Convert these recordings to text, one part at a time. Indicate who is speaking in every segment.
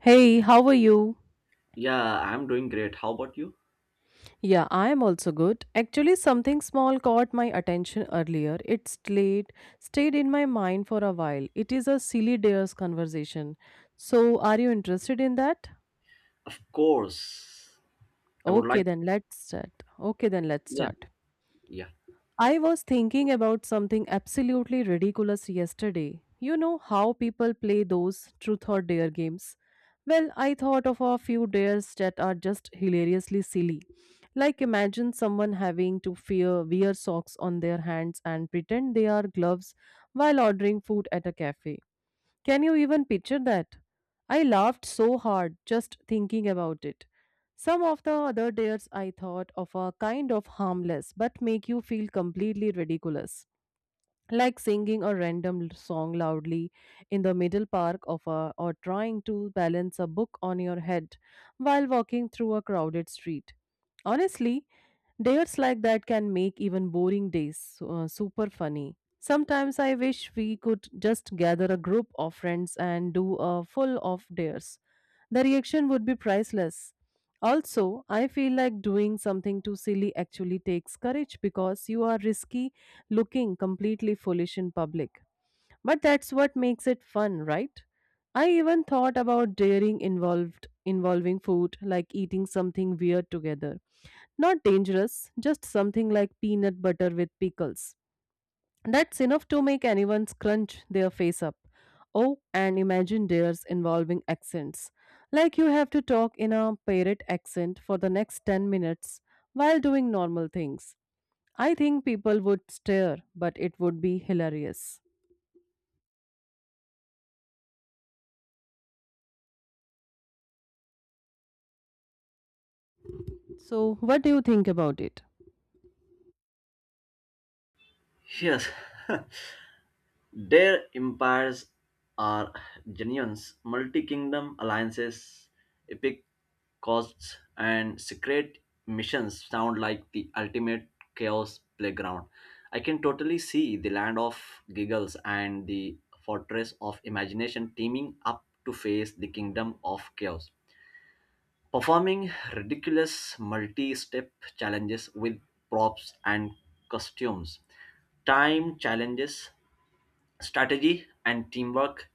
Speaker 1: Hey, how are you?
Speaker 2: Yeah, I'm doing great. How about you?
Speaker 1: Yeah, I am also good. Actually, something small caught my attention earlier. It stayed in my mind for a while. It is a silly dares conversation. So, are you interested in that?
Speaker 2: Of course. I would like.
Speaker 1: Okay, then let's
Speaker 2: Yeah,
Speaker 1: start.
Speaker 2: yeah.
Speaker 1: I was thinking about something absolutely ridiculous yesterday. You know how people play those truth or dare games? Well, I thought of a few dares that are just hilariously silly. Like imagine someone having to fear wear socks on their hands and pretend they are gloves while ordering food at a cafe. Can you even picture that? I laughed so hard just thinking about it. Some of the other dares I thought of are kind of harmless but make you feel completely ridiculous, like singing a random song loudly in the middle park of a, or trying to balance a book on your head while walking through a crowded street. Honestly, dates like that can make even boring days super funny. Sometimes I wish we could just gather a group of friends and do a full of dares. The reaction would be priceless. Also, I feel like doing something too silly actually takes courage because you are risky looking completely foolish in public. But that's what makes it fun, right? I even thought about daring involved involving food, like eating something weird together. Not dangerous, just something like peanut butter with pickles. That's enough to make anyone scrunch their face up. Oh, and imagine dares involving accents. Like you have to talk in a parrot accent for the next 10 minutes while doing normal things. I think people would stare, but it would be hilarious. So, what do you think about it?
Speaker 2: Yes. Their empires are genuines, multi kingdom alliances, epic costs, and secret missions sound like the ultimate chaos playground. I can totally see the land of giggles and the fortress of imagination teaming up to face the kingdom of chaos. Performing ridiculous multi step challenges with props and costumes, time challenges, strategy, and teamwork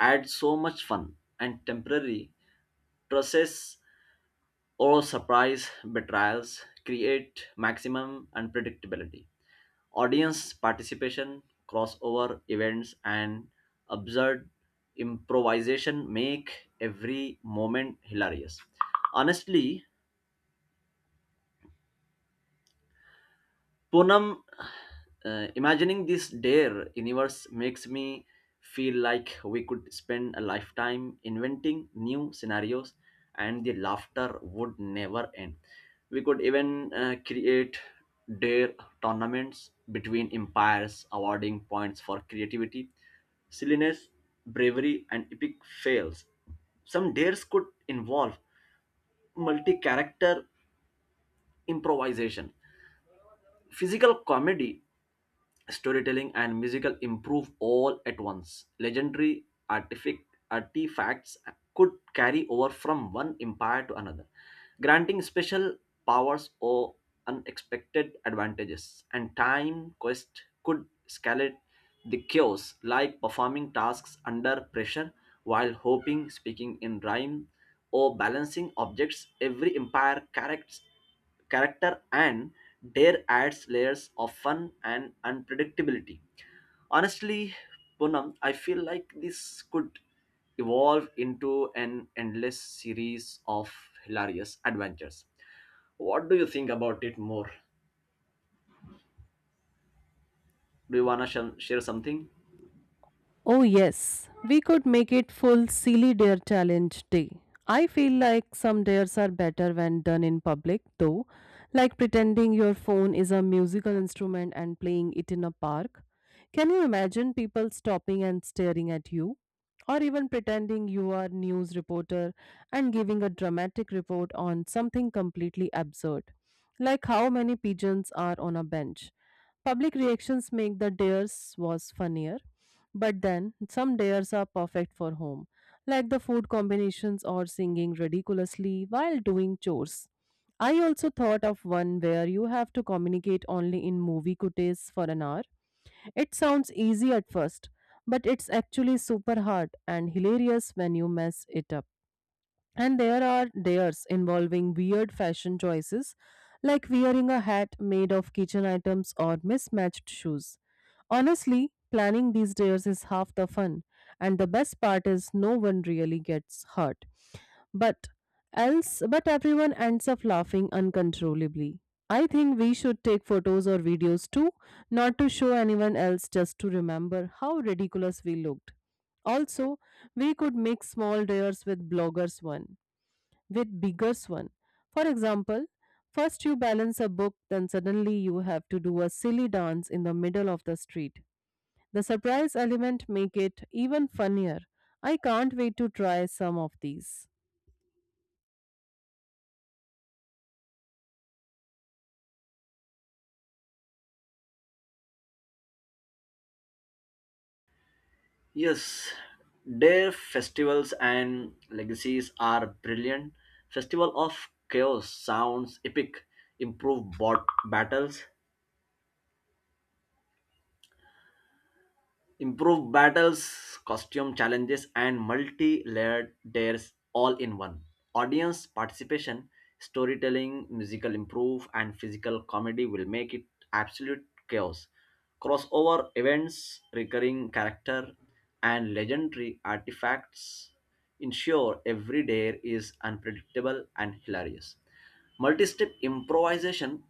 Speaker 2: add so much fun and temporary process or surprise betrayals create maximum unpredictability. Audience participation, crossover events, and absurd improvisation make every moment hilarious. Honestly, Poonam, imagining this dare universe makes me feel like we could spend a lifetime inventing new scenarios and the laughter would never end. We could even create dare tournaments between empires, awarding points for creativity, silliness, bravery, and epic fails. Some dares could involve multi character improvisation, physical comedy, storytelling, and musical improve all at once. Legendary artifacts could carry over from one empire to another, granting special powers or unexpected advantages. And time quest could escalate the chaos, like performing tasks under pressure while hoping, speaking in rhyme, or balancing objects. Every empire characters character and dare adds layers of fun and unpredictability. Honestly, Poonam, I feel like this could evolve into an endless series of hilarious adventures. What do you think about it more? Do you wanna share something?
Speaker 1: Oh, yes, we could make it full silly dare challenge day. I feel like some dares are better when done in public, though, like pretending your phone is a musical instrument and playing it in a park. Can you imagine people stopping and staring at you? Or even pretending you are news reporter and giving a dramatic report on something completely absurd, like how many pigeons are on a bench. Public reactions make the dares was funnier, but then, some dares are perfect for home, like the food combinations or singing ridiculously while doing chores. I also thought of one where you have to communicate only in movie cuties for an hour. It sounds easy at first, but it's actually super hard and hilarious when you mess it up. And there are theirs involving weird fashion choices, like wearing a hat made of kitchen items or mismatched shoes. Honestly, planning these dares is half the fun, and the best part is no one really gets hurt. But but everyone ends up laughing uncontrollably. I think we should take photos or videos too, not to show anyone else, just to remember how ridiculous we looked. Also, we could make small dares with bloggers one with bigger one. For example, first you balance a book, then suddenly you have to do a silly dance in the middle of the street. The surprise element make it even funnier. I can't wait to try some of these.
Speaker 2: Yes, their festivals and legacies are brilliant. Festival of Chaos sounds epic. Improve bot battles Improve battles, costume challenges, and multi layered dares all in one. Audience participation, storytelling, musical improve, and physical comedy will make it absolute chaos. Crossover events, recurring character, and legendary artifacts ensure every dare is unpredictable and hilarious. Multi-step improvisation,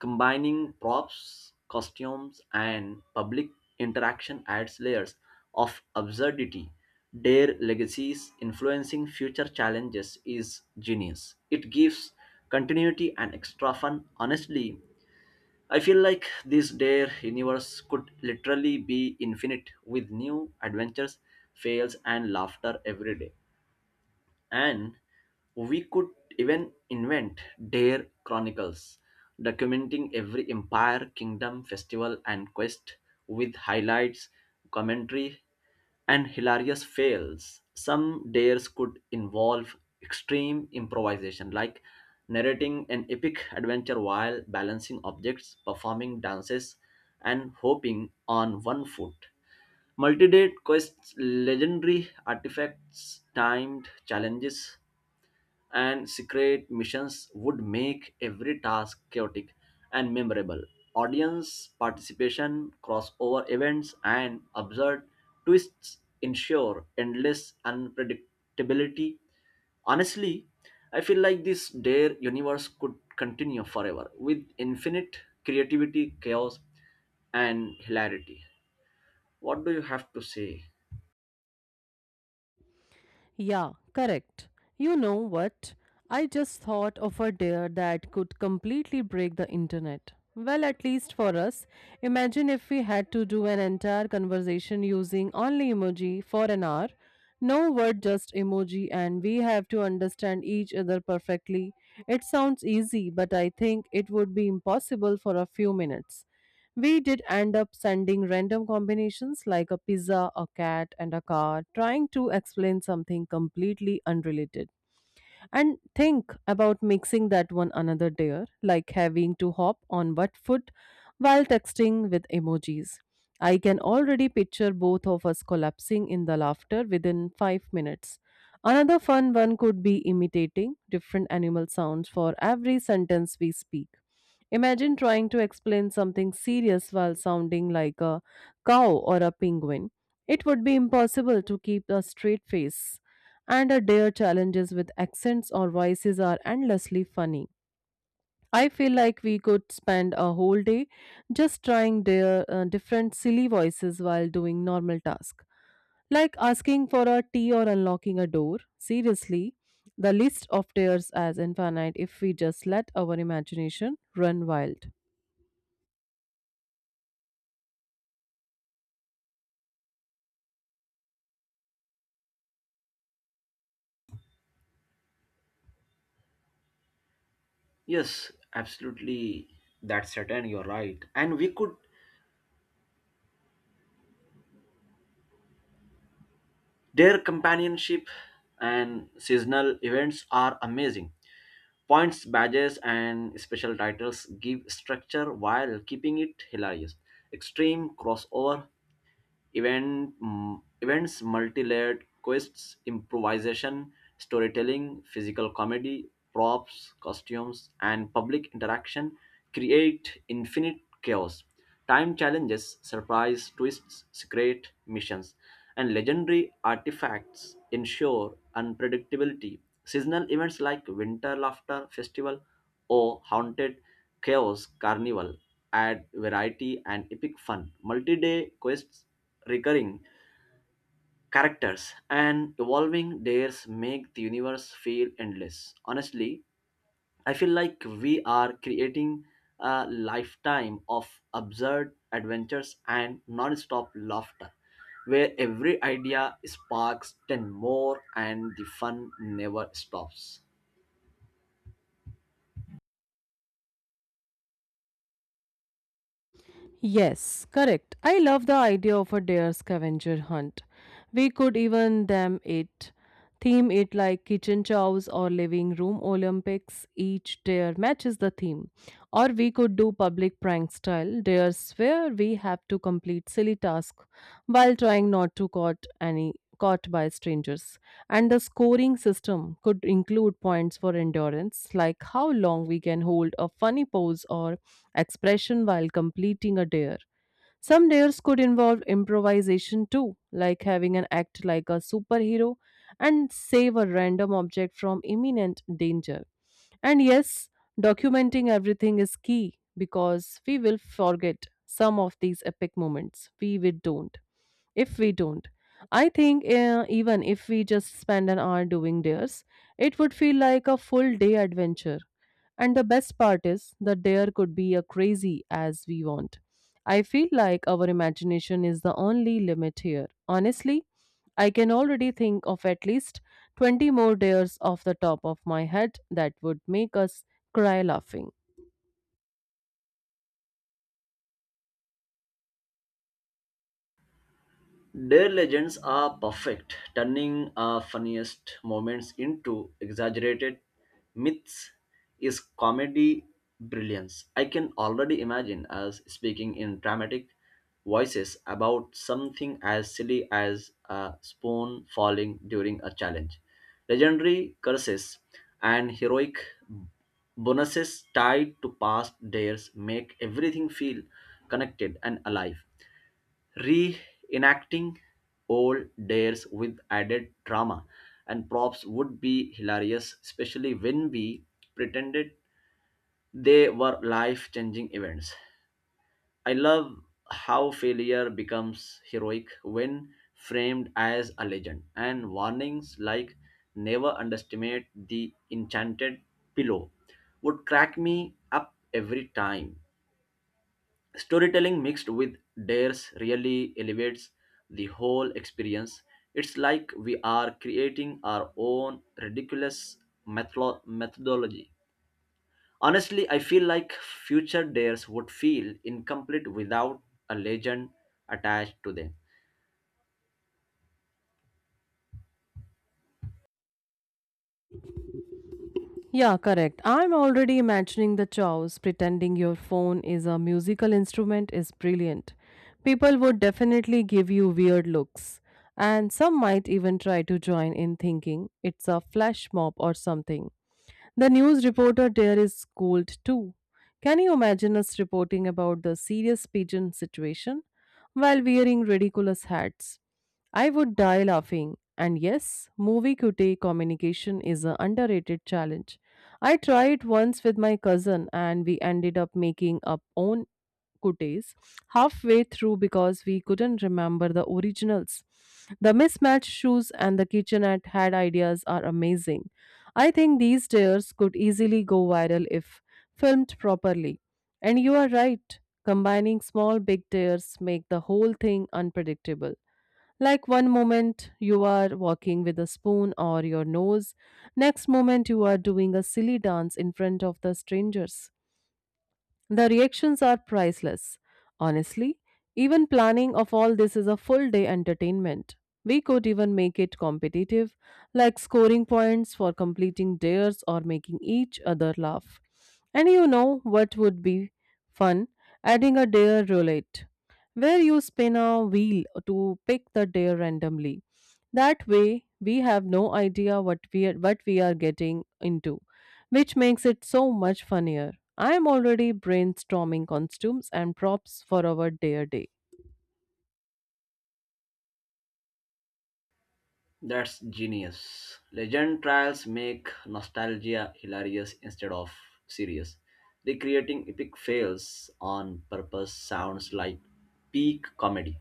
Speaker 2: combining props, costumes, and public interaction adds layers of absurdity. Their legacies influencing future challenges is genius. It gives continuity and extra fun. Honestly, I feel like this Dare universe could literally be infinite with new adventures, fails, and laughter every day. And we could even invent dare chronicles, documenting every empire, kingdom, festival, and quest with highlights, commentary, and hilarious fails. Some dares could involve extreme improvisation, like narrating an epic adventure while balancing objects, performing dances, and hopping on one foot. Multi-day quests, legendary artifacts, timed challenges, and secret missions would make every task chaotic and memorable. Audience participation, crossover events, and absurd twists ensure endless unpredictability. Honestly, I feel like this Dare universe could continue forever with infinite creativity, chaos, and hilarity. What do you have to say?
Speaker 1: Yeah, correct. You know what? I just thought of a dare that could completely break the internet. Well, at least for us. Imagine if we had to do an entire conversation using only emoji for an hour. No word, just emoji, and we have to understand each other perfectly. It sounds easy, but I think it would be impossible for a few minutes. We did end up sending random combinations like a pizza, a cat, and a car, trying to explain something completely unrelated. And think about mixing that one another there, like having to hop on what foot while texting with emojis. I can already picture both of us collapsing in the laughter within 5 minutes. Another fun one could be imitating different animal sounds for every sentence we speak. Imagine trying to explain something serious while sounding like a cow or a penguin. It would be impossible to keep a straight face, and our dare challenges with accents or voices are endlessly funny. I feel like we could spend a whole day just trying their different silly voices while doing normal tasks. Like asking for a tea or unlocking a door. Seriously, the list of tears as infinite if we just let our imagination run wild.
Speaker 2: Yes, absolutely. That's certain. You're right. And we could, their companionship and seasonal events are amazing. Points, badges, and special titles give structure while keeping it hilarious. Extreme crossover events, multi-layered quests, improvisation, storytelling, physical comedy, props, costumes, and public interaction create infinite chaos. Time challenges, surprise twists, secret missions, and legendary artifacts ensure unpredictability. Seasonal events like winter laughter festival or haunted chaos carnival add variety and epic fun. Multi-day quests, recurring characters, and evolving dares make the universe feel endless. Honestly, I feel like we are creating a lifetime of absurd adventures and non-stop laughter, where every idea sparks ten more and the fun never stops.
Speaker 1: Yes, correct. I love the idea of a deer scavenger hunt. We could even theme it like kitchen chows or living room Olympics. Each deer matches the theme. Or we could do public prank style dares where we have to complete silly task while trying not to caught any caught by strangers. And the scoring system could include points for endurance, like how long we can hold a funny pose or expression while completing a dare. Some dares could involve improvisation too, like having an act like a superhero and save a random object from imminent danger. And yes, documenting everything is key because we will forget some of these epic moments. We will don't if we don't. I think, even if we just spend an hour doing theirs, it would feel like a full day adventure. And the best part is that there could be as crazy as we want. I feel like our imagination is the only limit here. Honestly, I can already think of at least 20 more dares off the top of my head that would make us cry laughing.
Speaker 2: Their legends are perfect, turning our funniest moments into exaggerated myths is comedy brilliance. I can already imagine us speaking in dramatic voices about something as silly as a spoon falling during a challenge. Legendary curses and heroic bonuses tied to past dares make everything feel connected and alive. Re-enacting old dares with added drama and props would be hilarious, especially when we pretended they were life-changing events. I love how failure becomes heroic when framed as a legend, and warnings like never underestimate the enchanted pillow would crack me up every time. Storytelling mixed with dares really elevates the whole experience. It's like we are creating our own ridiculous methodology. Honestly, I feel like future dares would feel incomplete without a legend attached to them.
Speaker 1: Yeah, correct. I'm already imagining the chows. Pretending your phone is a musical instrument is brilliant. People would definitely give you weird looks. And some might even try to join in thinking it's a flash mob or something. The news reporter there is cold too. Can you imagine us reporting about the serious pigeon situation while wearing ridiculous hats? I would die laughing. And yes, movie QT communication is an underrated challenge. I tried once with my cousin and we ended up making up own days halfway through because we couldn't remember the originals. The mismatched shoes and the kitchenette had ideas are amazing. I think these tears could easily go viral if filmed properly. And you are right, combining small big tears make the whole thing unpredictable. Like one moment you are walking with a spoon or your nose, next moment you are doing a silly dance in front of the strangers. The reactions are priceless. Honestly, even planning of all this is a full day entertainment. We could even make it competitive, like scoring points for completing dares or making each other laugh. And you know what would be fun? Adding a dare roulette, where you spin a wheel to pick the dare randomly. That way, we have no idea what we are getting into, which makes it so much funnier. I am already brainstorming costumes and props for our dare day.
Speaker 2: That's genius. Legend trials make nostalgia hilarious instead of serious. Recreating epic fails on purpose sounds like peak comedy.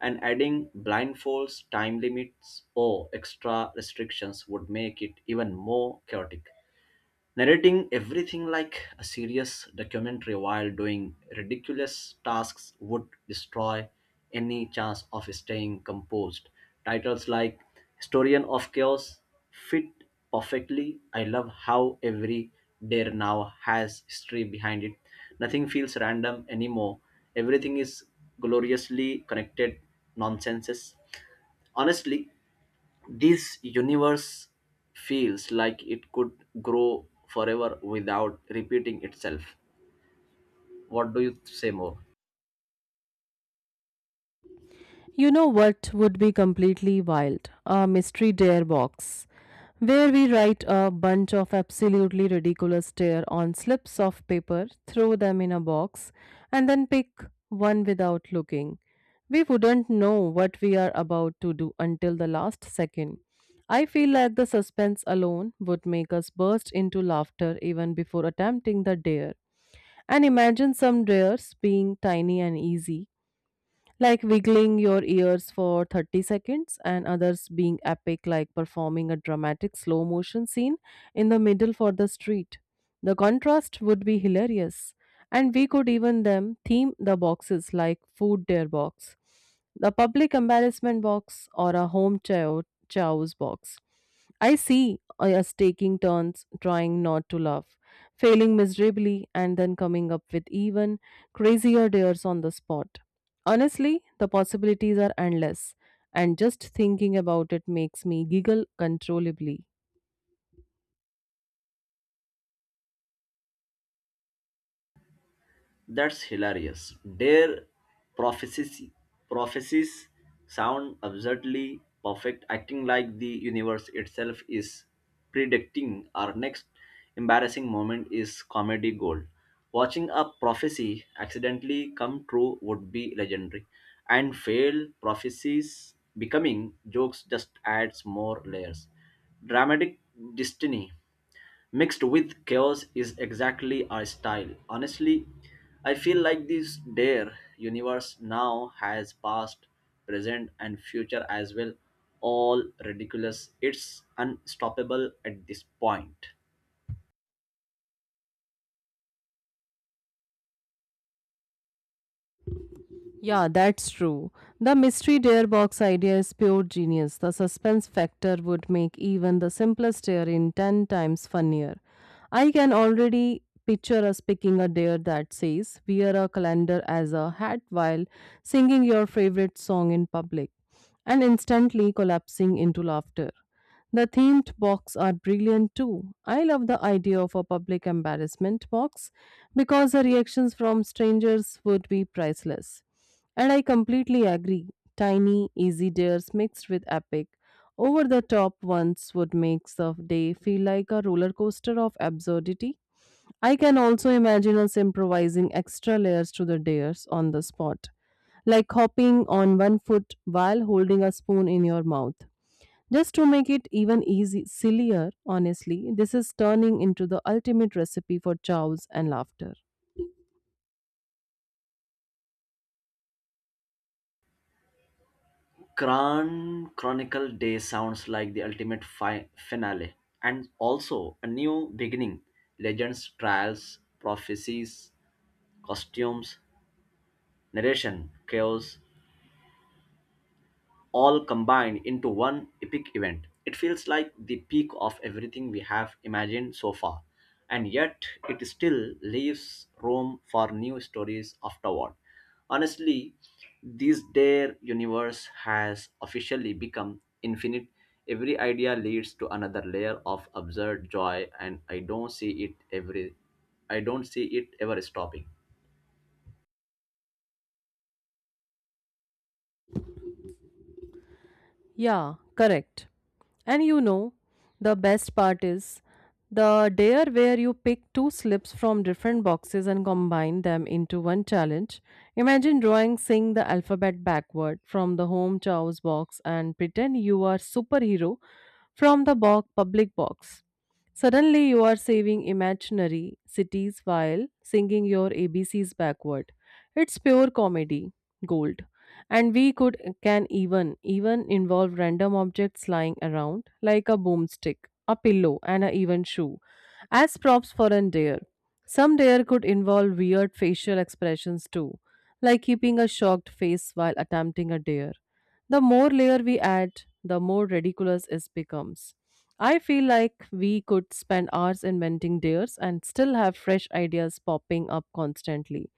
Speaker 2: And adding blindfolds, time limits, or extra restrictions would make it even more chaotic. Narrating everything like a serious documentary while doing ridiculous tasks would destroy any chance of staying composed. Titles like Historian of Chaos fit perfectly. I love how every dare now has history behind it. Nothing feels random anymore. Everything is gloriously connected nonsenses. Honestly, this universe feels like it could grow forever without repeating itself. What do you say more?
Speaker 1: You know what would be completely wild? A mystery dare box, where we write a bunch of absolutely ridiculous dare on slips of paper, throw them in a box, and then pick one without looking. We wouldn't know what we are about to do until the last second. I feel like the suspense alone would make us burst into laughter even before attempting the dare. And imagine some dares being tiny and easy, like wiggling your ears for 30 seconds, and others being epic like performing a dramatic slow motion scene in the middle for the street. The contrast would be hilarious. And we could even theme the boxes like food dare box, the public embarrassment box, or a home chow's box. I see us taking turns trying not to laugh, failing miserably, and then coming up with even crazier dares on the spot. Honestly, the possibilities are endless, and just thinking about it makes me giggle controllably.
Speaker 2: That's hilarious. Their prophecies, prophecies sound absurdly perfect, acting like the universe itself is predicting our next embarrassing moment is comedy gold. Watching a prophecy accidentally come true would be legendary, and failed prophecies becoming jokes just adds more layers. Dramatic destiny mixed with chaos is exactly our style. Honestly, I feel like this dare universe now has past, present, and future as well. All ridiculous. It's unstoppable at this point.
Speaker 1: Yeah, that's true. The mystery dare box idea is pure genius. The suspense factor would make even the simplest dare in 10 times funnier. I can already picture us picking a dare that says, "Wear a calendar as a hat while singing your favorite song in public," and instantly collapsing into laughter. The themed box are brilliant too. I love the idea of a public embarrassment box because the reactions from strangers would be priceless. And I completely agree. Tiny, easy dares mixed with epic, over the top ones would make the day feel like a roller coaster of absurdity. I can also imagine us improvising extra layers to the dares on the spot, like hopping on one foot while holding a spoon in your mouth. Just to make it even easy, sillier, honestly, this is turning into the ultimate recipe for chows and laughter.
Speaker 2: Kran Chronicle Day sounds like the ultimate finale and also a new beginning. Legends, trials, prophecies, costumes, narration, chaos, all combined into one epic event. It feels like the peak of everything we have imagined so far, and yet it still leaves room for new stories afterward. Honestly, this Dare universe has officially become infinite. Every idea leads to another layer of absurd joy, and I don't see it ever stopping.
Speaker 1: Yeah, correct. And you know, the best part is the dare where you pick two slips from different boxes and combine them into one challenge. Imagine drawing, sing the alphabet backward from the home chow's box and pretend you are superhero from the public box. Suddenly you are saving imaginary cities while singing your ABCs backward. It's pure comedy gold and we could can even even involve random objects lying around like a boomstick, a pillow and a even shoe as props for an dare. Some dare could involve weird facial expressions too, like keeping a shocked face while attempting a dare. The more layer we add, the more ridiculous it becomes. I feel like we could spend hours inventing dares and still have fresh ideas popping up constantly.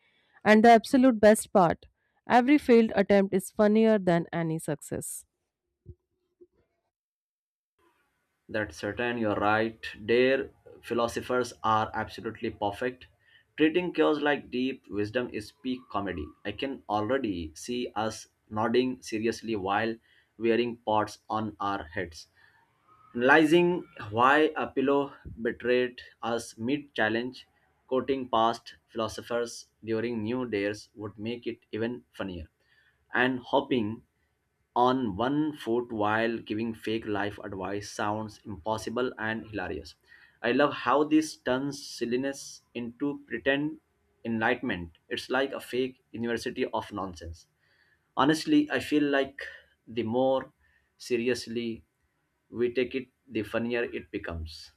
Speaker 1: And the absolute best part, every failed attempt is funnier than any success.
Speaker 2: That's certain, you're right. Their philosophers are absolutely perfect. Treating chaos like deep wisdom is peak comedy. I can already see us nodding seriously while wearing pots on our heads. Analyzing why a pillow betrayed us mid challenge, quoting past philosophers during New Dares would make it even funnier. And hopping on one foot while giving fake life advice sounds impossible and hilarious. I love how this turns silliness into pretend enlightenment. It's like a fake university of nonsense. Honestly, I feel like the more seriously we take it, the funnier it becomes.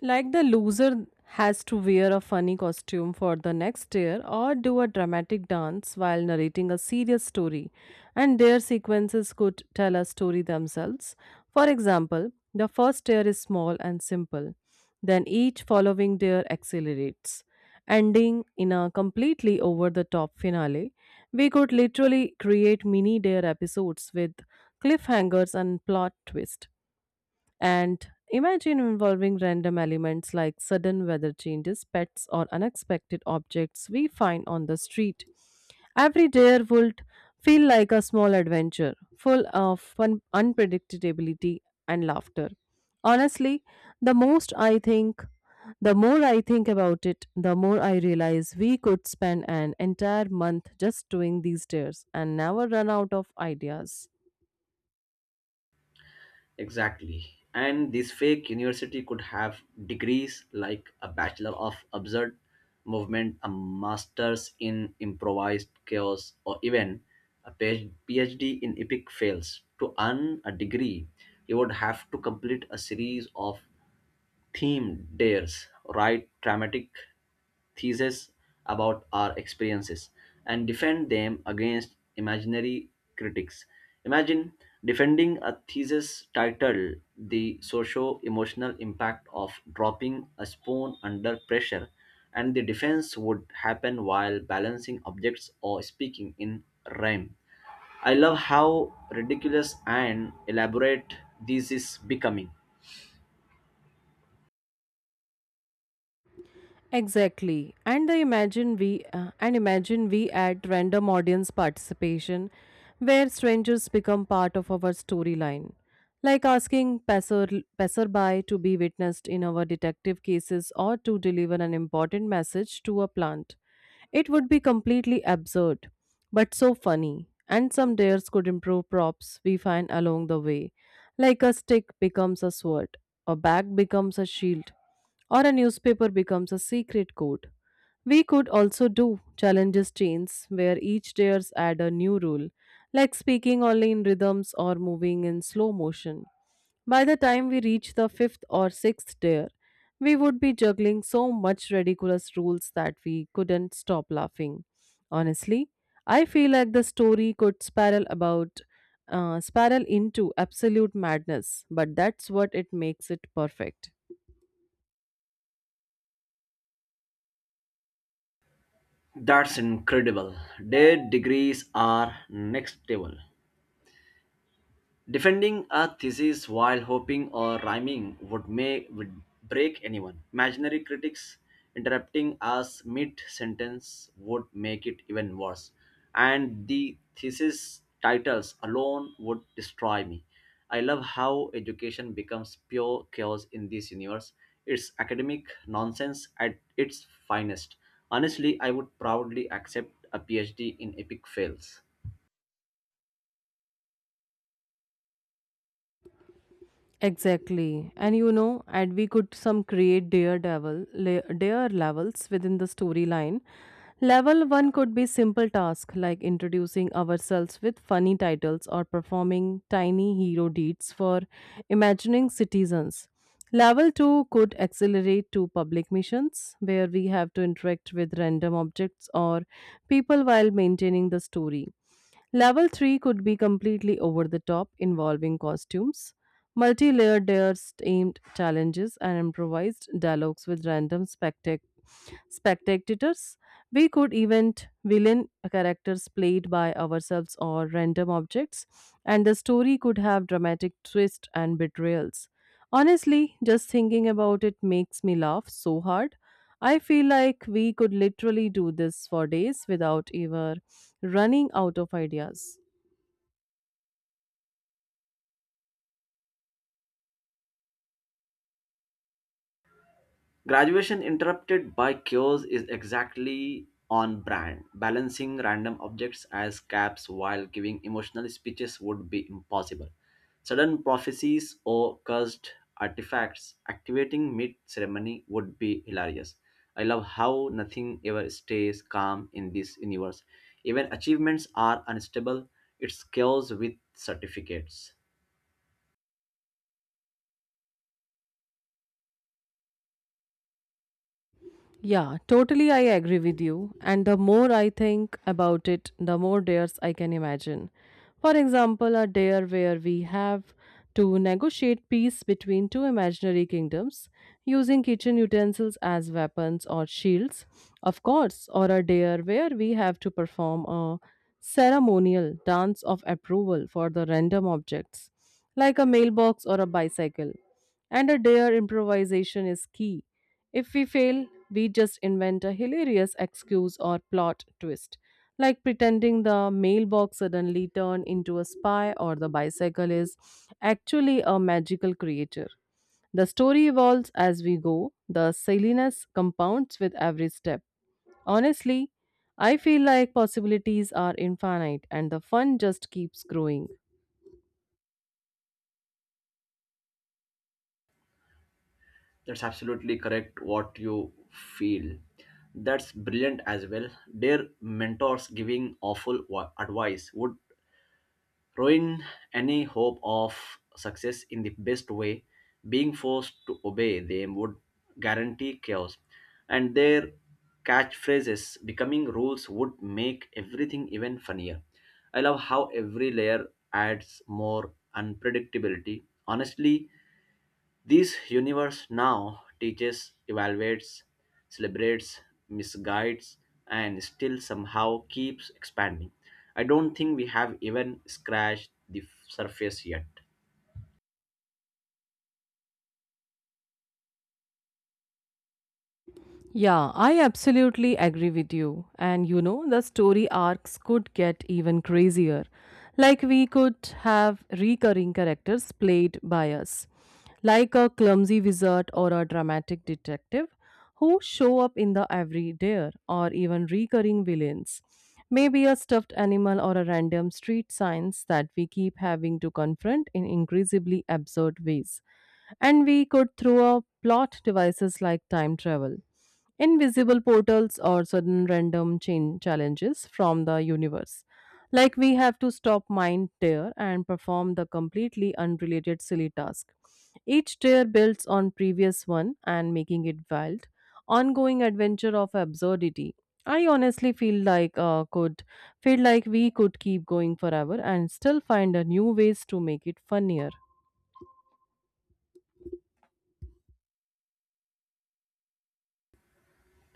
Speaker 1: Like the loser has to wear a funny costume for the next year or do a dramatic dance while narrating a serious story, and their sequences could tell a story themselves. For example, the first tier is small and simple, then each following tier accelerates, ending in a completely over the top finale. We could literally create mini dare episodes with cliffhangers and plot twists. And imagine involving random elements like sudden weather changes, pets, or unexpected objects we find on the street. Every day would feel like a small adventure, full of fun, unpredictability and laughter. Honestly, the most I think, the more I think about it, the more I realize we could spend an entire month just doing these dares and never run out of ideas.
Speaker 2: Exactly. And this fake university could have degrees like a Bachelor of Absurd Movement, a Master's in Improvised Chaos, or even a PhD in Epic Fails. To earn a degree, you would have to complete a series of theme dares, write dramatic theses about our experiences, and defend them against imaginary critics. Imagine defending a thesis titled The Socio Emotional Impact of Dropping a Spoon Under Pressure, and the defense would happen while balancing objects or speaking in rhyme. I love how ridiculous and elaborate this is becoming.
Speaker 1: Exactly. And imagine we add random audience participation where strangers become part of our storyline. Like asking passerby to be witnessed in our detective cases or to deliver an important message to a plant. It would be completely absurd, but so funny. And some dares could improve props we find along the way, like a stick becomes a sword, a bag becomes a shield, or a newspaper becomes a secret code. We could also do challenges chains where each dares add a new rule, like speaking only in rhythms or moving in slow motion. By the time we reach the fifth or sixth dare, we would be juggling so much ridiculous rules that we couldn't stop laughing. Honestly, I feel like the story could spiral into absolute madness, but that's what it makes it perfect.
Speaker 2: That's incredible. Their degrees are next level. Defending a thesis while hoping or rhyming would break anyone. Imaginary critics interrupting us mid sentence would make it even worse. And the thesis titles alone would destroy me. I love how education becomes pure chaos in this universe. It's academic nonsense at its finest. Honestly, I would proudly accept a PhD in epic fails.
Speaker 1: Exactly. And you know, and we could some create daredevil, dare levels within the storyline. Level 1 could be simple task like introducing ourselves with funny titles or performing tiny hero deeds for imagining citizens. Level 2 could accelerate to public missions where we have to interact with random objects or people while maintaining the story. Level 3 could be completely over the top, involving costumes, multi layered dares, aimed challenges, and improvised dialogues with random spectators. We could event villain characters played by ourselves or random objects, and the story could have dramatic twists and betrayals. Honestly, just thinking about it makes me laugh so hard. I feel like we could literally do this for days without ever running out of ideas.
Speaker 2: Graduation interrupted by chaos is exactly on brand. Balancing random objects as caps while giving emotional speeches would be impossible. Sudden prophecies or cursed artifacts activating mid ceremony would be hilarious. I love how nothing ever stays calm in this universe. Even achievements are unstable, it's chaos with certificates.
Speaker 1: Yeah, totally. I agree with you. And the more I think about it, the more dares I can imagine. For example, a dare where we have to negotiate peace between two imaginary kingdoms using kitchen utensils as weapons or shields, of course, or a dare where we have to perform a ceremonial dance of approval for the random objects, like a mailbox or a bicycle. And a dare improvisation is key, if we fail, we just invent a hilarious excuse or plot twist, like pretending the mailbox suddenly turned into a spy or the bicycle is actually a magical creature. The story evolves as we go, the silliness compounds with every step. Honestly, I feel like possibilities are infinite and the fun just keeps growing.
Speaker 2: That's absolutely correct what you feel. That's brilliant as well. Their mentors giving awful advice would ruin any hope of success in the best way. Being forced to obey them would guarantee chaos. And their catchphrases becoming rules would make everything even funnier. I love how every layer adds more unpredictability. Honestly, this universe now teaches, evaluates, celebrates, misguides, and still somehow keeps expanding. I don't think we have even scratched the surface yet.
Speaker 1: Yeah, I absolutely agree with you. And you know, the story arcs could get even crazier. Like, we could have recurring characters played by us, like a clumsy wizard or a dramatic detective who show up in the everyday or even recurring villains. Maybe a stuffed animal or a random street signs that we keep having to confront in increasingly absurd ways, and we could throw a plot devices like time travel, invisible portals, or sudden random chain challenges from the universe. Like we have to stop mind tear and perform the completely unrelated silly task. Each tier builds on previous one and making it wild, ongoing adventure of absurdity. I honestly feel like we could keep going forever and still find a new ways to make it funnier.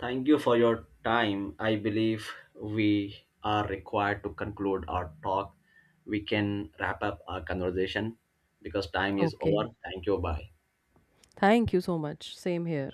Speaker 2: Thank you for your time. I believe we are required to conclude our talk. We can wrap up our conversation because time is
Speaker 1: Okay.
Speaker 2: over. Thank you. Bye.
Speaker 1: Thank you so much. Same here.